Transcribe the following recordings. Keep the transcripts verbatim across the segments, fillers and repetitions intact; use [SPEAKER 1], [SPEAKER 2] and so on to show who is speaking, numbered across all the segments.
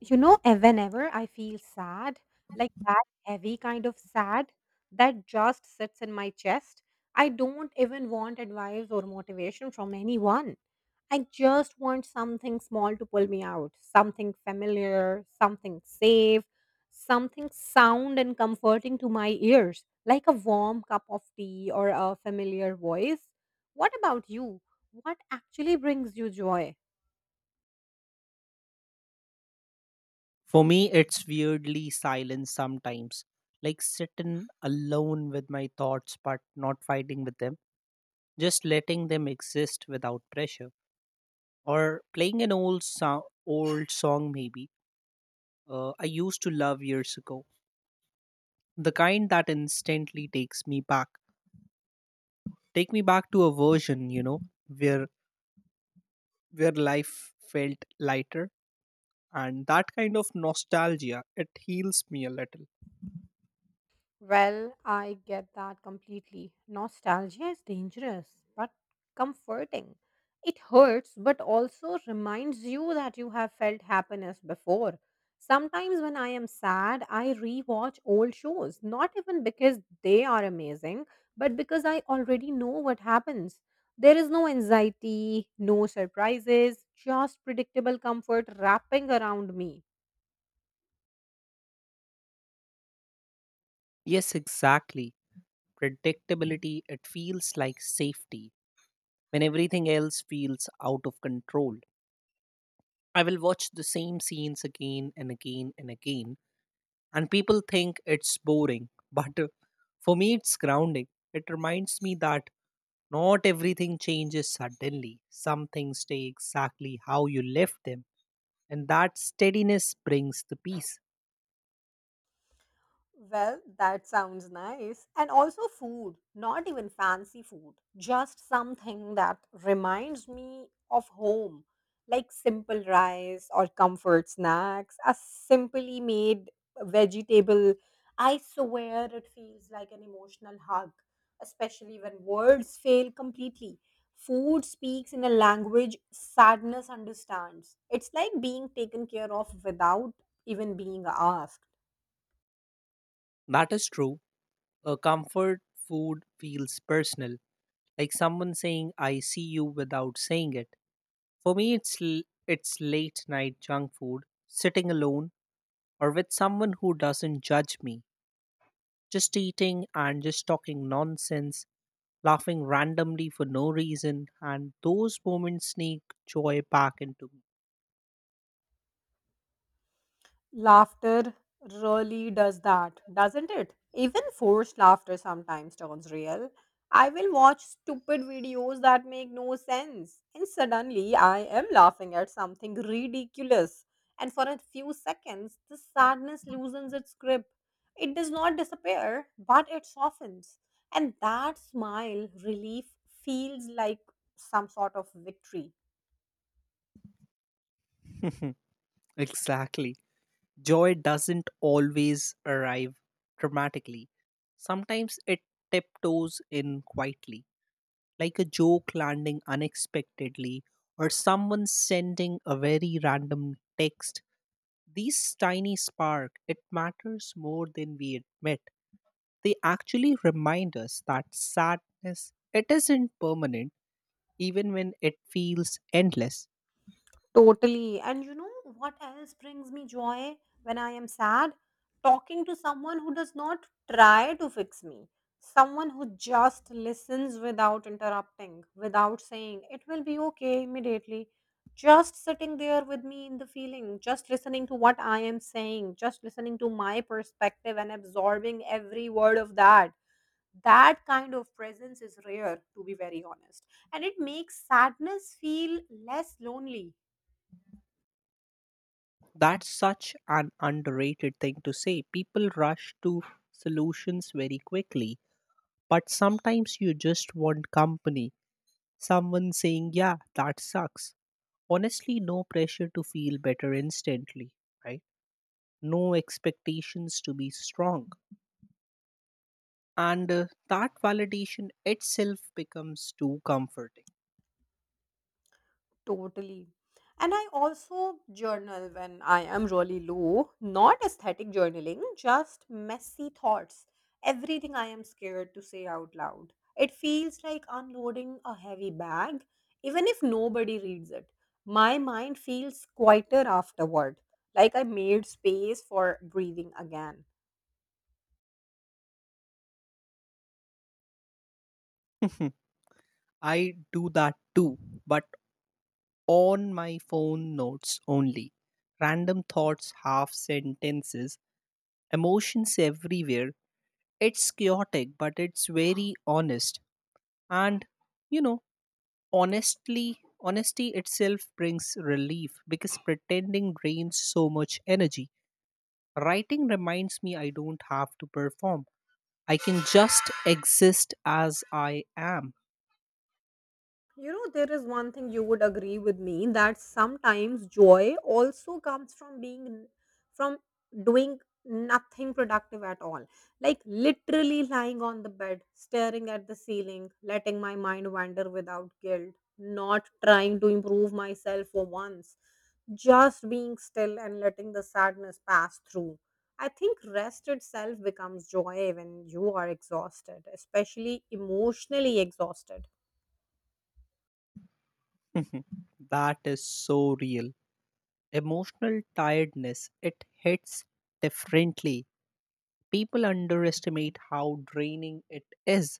[SPEAKER 1] You know, eh, whenever I feel sad, like that heavy kind of sad that just sits in my chest, I don't even want advice or motivation from anyone. I just want something small to pull me out, something familiar, something safe, something sound and comforting to my ears, like a warm cup of tea or a familiar voice. What about you? What actually brings you joy?
[SPEAKER 2] For me, it's weirdly silent sometimes, like sitting alone with my thoughts but not fighting with them, just letting them exist without pressure. Or playing an old song, old song maybe uh, I used to love years ago, the kind that instantly takes me back, take me back to a version you know where where life felt lighter, and that kind of nostalgia it heals me a little.
[SPEAKER 1] Well, I get that completely. Nostalgia is dangerous, but comforting. It hurts, but also reminds you that you have felt happiness before. Sometimes when I am sad, I rewatch old shows, not even because they are amazing, but because I already know what happens. There is no anxiety, no surprises, just predictable comfort wrapping around me.
[SPEAKER 2] Yes, exactly predictability, it feels like safety when everything else feels out of control. I will watch the same scenes again and again and again, and people think it's boring, but uh, for me, it's grounding. It reminds me that not everything changes suddenly, some things stay exactly how you left them, and that steadiness brings the peace.
[SPEAKER 1] Well, that sounds nice. And also food, not even fancy food, just something that reminds me of home, like simple rice or comfort snacks, a simply made vegetable. I swear it feels like an emotional hug, especially when words fail completely. Food speaks in a language sadness understands. It's like being taken care of without even being asked.
[SPEAKER 2] That is true. A comfort food feels personal, like someone saying, I see you without saying it. For me, it's l- it's late night junk food, sitting alone or with someone who doesn't judge me, just eating and just talking nonsense, laughing randomly for no reason, and those moments sneak joy back into
[SPEAKER 1] Laughter really does that, doesn't it? Even forced laughter sometimes turns real. I will watch stupid videos that make no sense, and suddenly I am laughing at something ridiculous. And for a few seconds, the sadness loosens its grip. It does not disappear, but it softens. And that smile relief feels like some sort of victory.
[SPEAKER 2] me. Exactly. Joy doesn't always arrive dramatically. Sometimes it tiptoes in quietly, like a joke landing unexpectedly or someone sending a very random text. These tiny spark, it matters more than we admit. They actually remind us that sadness, it isn't permanent, even when it feels endless.
[SPEAKER 1] Totally. And you know what else brings me joy when I am sad? Talking to someone who does not try to fix me, someone who just listens without interrupting, without saying, it will be okay immediately. Just sitting there with me in the feeling, just listening to what I am saying, just listening to my perspective and absorbing every word of that. That kind of presence is rare, to be very honest. And it makes sadness feel less lonely.
[SPEAKER 2] That's such an underrated thing to say. People rush to solutions very quickly, but sometimes you just want company. Someone saying, yeah, that sucks. Honestly, no pressure to feel better instantly, right? No expectations to be strong, and uh, that validation itself becomes too comforting.
[SPEAKER 1] Totally. And I also journal when I am really low, not aesthetic journaling, just messy thoughts. Everything I am scared to say out loud. It feels like unloading a heavy bag, even if nobody reads it. My mind feels quieter afterward, like I made space for breathing again.
[SPEAKER 2] I do that too, but on my phone notes only. Random thoughts, half sentences, emotions everywhere. It's chaotic, but it's very honest. And you know, honestly, honesty itself brings relief because pretending drains so much energy. Writing reminds me I don't have to perform. I can just exist as I am.
[SPEAKER 1] You know, there is one thing you would agree with me that sometimes joy also comes from being from doing nothing productive at all. Like literally lying on the bed, staring at the ceiling, letting my mind wander without guilt, not trying to improve myself for once, just being still and letting the sadness pass through. I think rest itself becomes joy when you are exhausted, especially emotionally exhausted.
[SPEAKER 2] That is so real. Emotional tiredness, it hits differently. People underestimate how draining it is.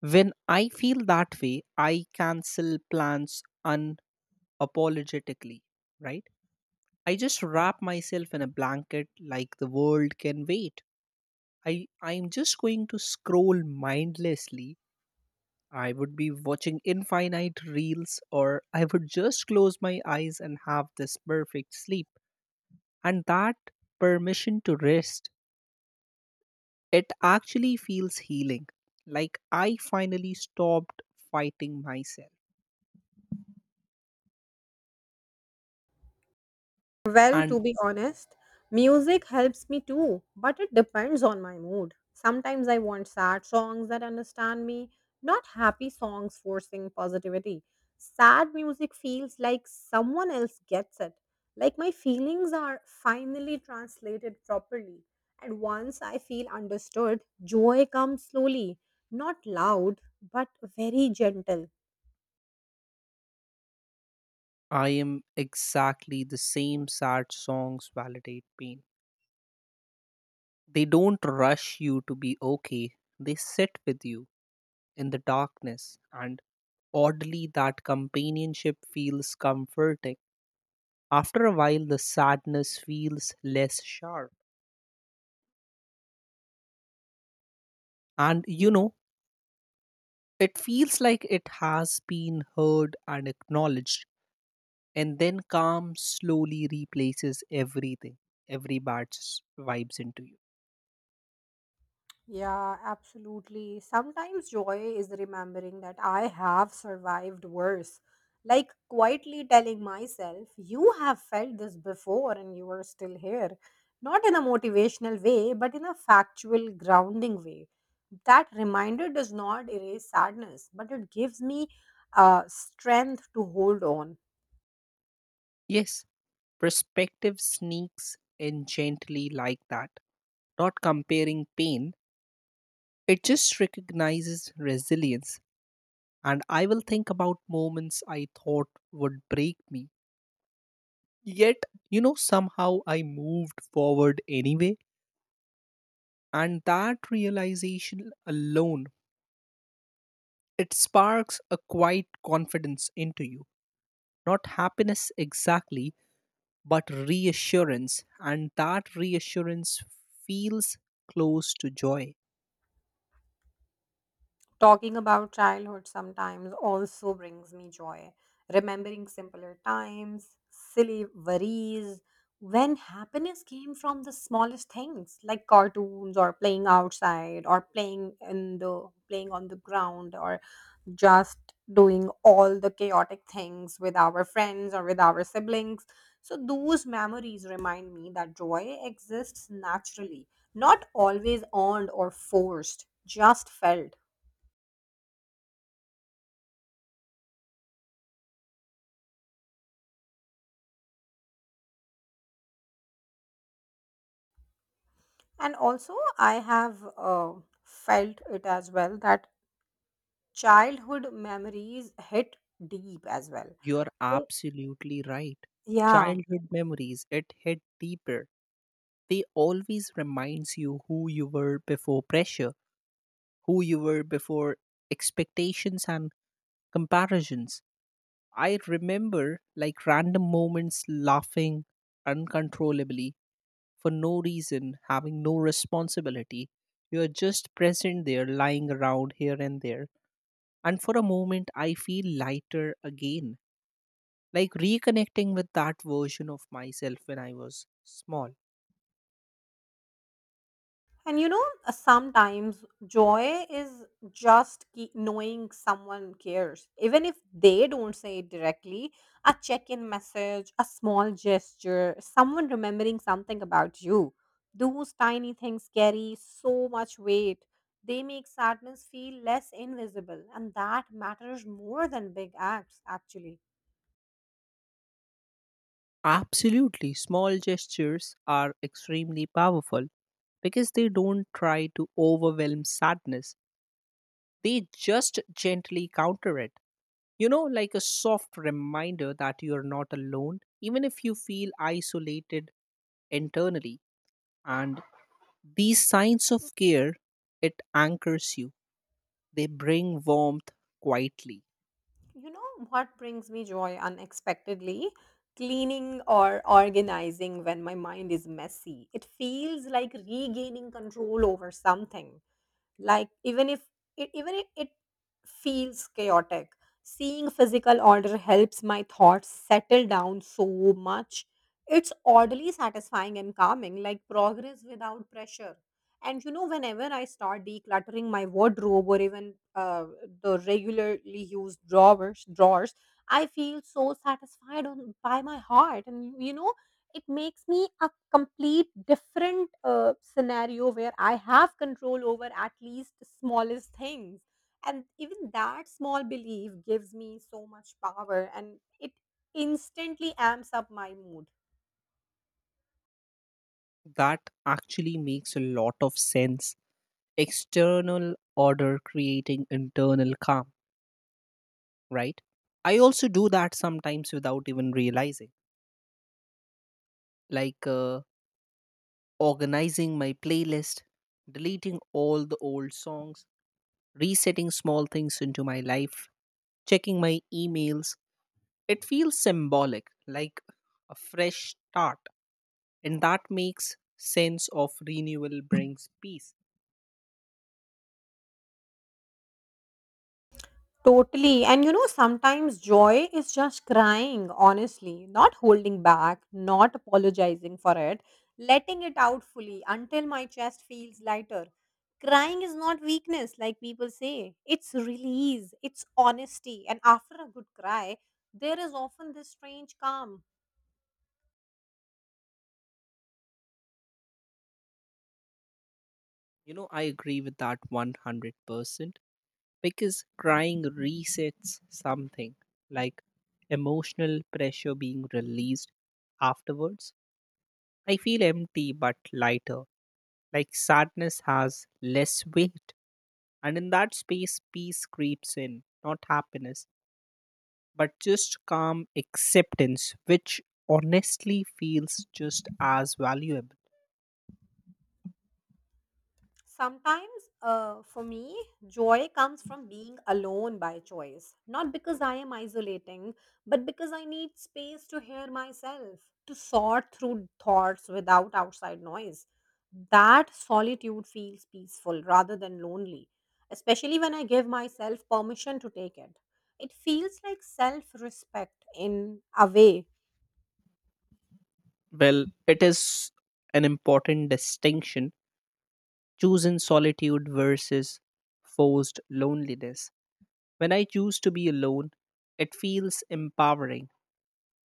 [SPEAKER 2] When I feel that way, I cancel plans unapologetically, right? I just wrap myself in a blanket like the world can wait. I, I'm just going to scroll mindlessly. I would be watching infinite reels, or I would just close my eyes and have this perfect sleep. And that permission to rest, it actually feels healing. Like I finally stopped fighting myself.
[SPEAKER 1] Well,
[SPEAKER 2] And
[SPEAKER 1] to be honest, music helps me too, but it depends on my mood. Sometimes I want sad songs that understand me, not happy songs forcing positivity. Sad music feels like someone else gets it, like my feelings are finally translated properly. And once I feel understood, joy comes slowly, not loud, but very gentle.
[SPEAKER 2] I am exactly the same sad songs validate pain. They don't rush you to be okay, they sit with you in the darkness. And oddly, that companionship feels comforting. After a while, the sadness feels less sharp. And you know, it feels like it has been heard and acknowledged. And then calm slowly replaces everything, every bad s- vibes into you.
[SPEAKER 1] Yeah, absolutely. Sometimes joy is remembering that I have survived worse. Like quietly telling myself, you have felt this before and you are still here. Not in a motivational way, but in a factual, grounding way. That reminder does not erase sadness, but it gives me uh, strength to hold on.
[SPEAKER 2] Yes, perspective sneaks in gently like that, not comparing pain. It just recognizes resilience. And I will think about moments I thought would break me. Yet, you know, somehow I moved forward anyway. And that realization alone, it sparks a quiet confidence into you. Not happiness exactly, but reassurance. And that reassurance feels close to joy.
[SPEAKER 1] Talking about childhood sometimes also brings me joy. Remembering simpler times, silly worries, when happiness came from the smallest things like cartoons or playing outside or playing in the playing on the ground or just doing all the chaotic things with our friends or with our siblings. So those memories remind me that joy exists naturally, not always earned or forced, just felt. And also, I have uh, felt it as well that childhood memories hit deep as well.
[SPEAKER 2] You're
[SPEAKER 1] They-
[SPEAKER 2] absolutely right.
[SPEAKER 1] Yeah.
[SPEAKER 2] Childhood memories, it hit deeper. They always reminds you who you were before pressure, who you were before expectations and comparisons. I remember like random moments laughing uncontrollably for no reason, having no responsibility. You're just present there, lying around here and there. And for a moment, I feel lighter again, like reconnecting with that version of myself when I was small.
[SPEAKER 1] And you know, uh, sometimes joy is just ke- knowing someone cares. Even if they don't say it directly, a check in message, a small gesture, someone remembering something about you. Those tiny things carry so much weight. They make sadness feel less invisible, and that matters more than big acts, actually.
[SPEAKER 2] Absolutely, small gestures are extremely powerful because they don't try to overwhelm sadness, they just gently counter it. You know, like a soft reminder that you're not alone, even if you feel isolated internally. And these signs of care, it anchors you, they bring warmth quietly.
[SPEAKER 1] You know what brings me joy unexpectedly? Cleaning or organizing when my mind is messy. It feels like regaining control over something, like even if it, even if it feels chaotic, seeing physical order helps my thoughts settle down so much. It's oddly satisfying and calming, like progress without pressure. And you know, whenever I start decluttering my wardrobe or even uh, the regularly used drawers drawers I feel so satisfied on, by my heart. And you know, it makes me a complete different uh, scenario where I have control over at least the smallest things. And even that small belief gives me so much power, and it instantly amps up my mood.
[SPEAKER 2] That actually makes a lot of sense. External order creating internal calm, right? I also do that sometimes without even realizing, like uh, organizing my playlist, deleting all the old songs, resetting small things into my life, checking my emails. It feels symbolic, like a fresh start. And that makes sense of renewal brings peace.
[SPEAKER 1] Totally. And you know, sometimes joy is just crying, honestly, not holding back, not apologizing for it, letting it out fully until my chest feels lighter. Crying is not weakness, like people say. It's release, it's honesty. And after a good cry, there is often this strange calm.
[SPEAKER 2] You know, I agree with that one hundred percent because crying resets something like emotional pressure being released afterwards. I feel empty but lighter, like sadness has less weight. And in that space, peace creeps in, not happiness, but just calm acceptance, which honestly feels just as valuable.
[SPEAKER 1] Sometimes, uh, for me, joy comes from being alone by choice. Not because I am isolating, but because I need space to hear myself, to sort through thoughts without outside noise. That solitude feels peaceful rather than lonely, especially when I give myself permission to take it. It feels like self respect in a way.
[SPEAKER 2] Well, it is an important distinction choosing solitude versus forced loneliness. When I choose to be alone, it feels empowering.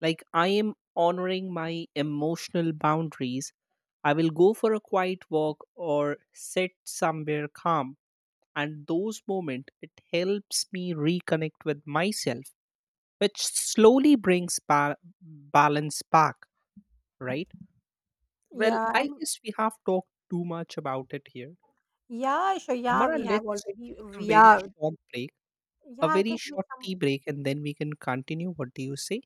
[SPEAKER 2] Like I am honoring my emotional boundaries. I will go for a quiet walk or sit somewhere calm. And those moments, it helps me reconnect with myself which slowly brings ba- balance back, right? Well,
[SPEAKER 1] Yeah,
[SPEAKER 2] I guess we have talked too much about it here.
[SPEAKER 1] yeah, sure. Yeah,
[SPEAKER 2] Amara,
[SPEAKER 1] we have
[SPEAKER 2] let's
[SPEAKER 1] already.
[SPEAKER 2] take a very
[SPEAKER 1] Yeah,
[SPEAKER 2] short break, a
[SPEAKER 1] yeah, I
[SPEAKER 2] very
[SPEAKER 1] think we.
[SPEAKER 2] short tea break, and then we can continue. What do you say?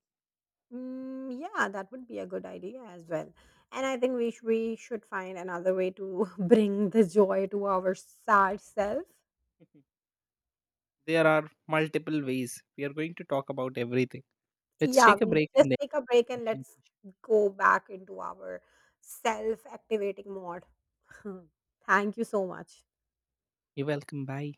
[SPEAKER 1] Mm, yeah, that would be a good idea as well. And I think we sh- we should find another way to bring the joy to our sad self.
[SPEAKER 2] Mhm. There are multiple ways. We are going to talk about everything. Let's
[SPEAKER 1] Yeah,
[SPEAKER 2] take a
[SPEAKER 1] we
[SPEAKER 2] break
[SPEAKER 1] just
[SPEAKER 2] and then
[SPEAKER 1] take a break
[SPEAKER 2] we
[SPEAKER 1] and
[SPEAKER 2] can continue.
[SPEAKER 1] let's go back into our self activating mode. Thank you so much.
[SPEAKER 2] You're welcome. Bye.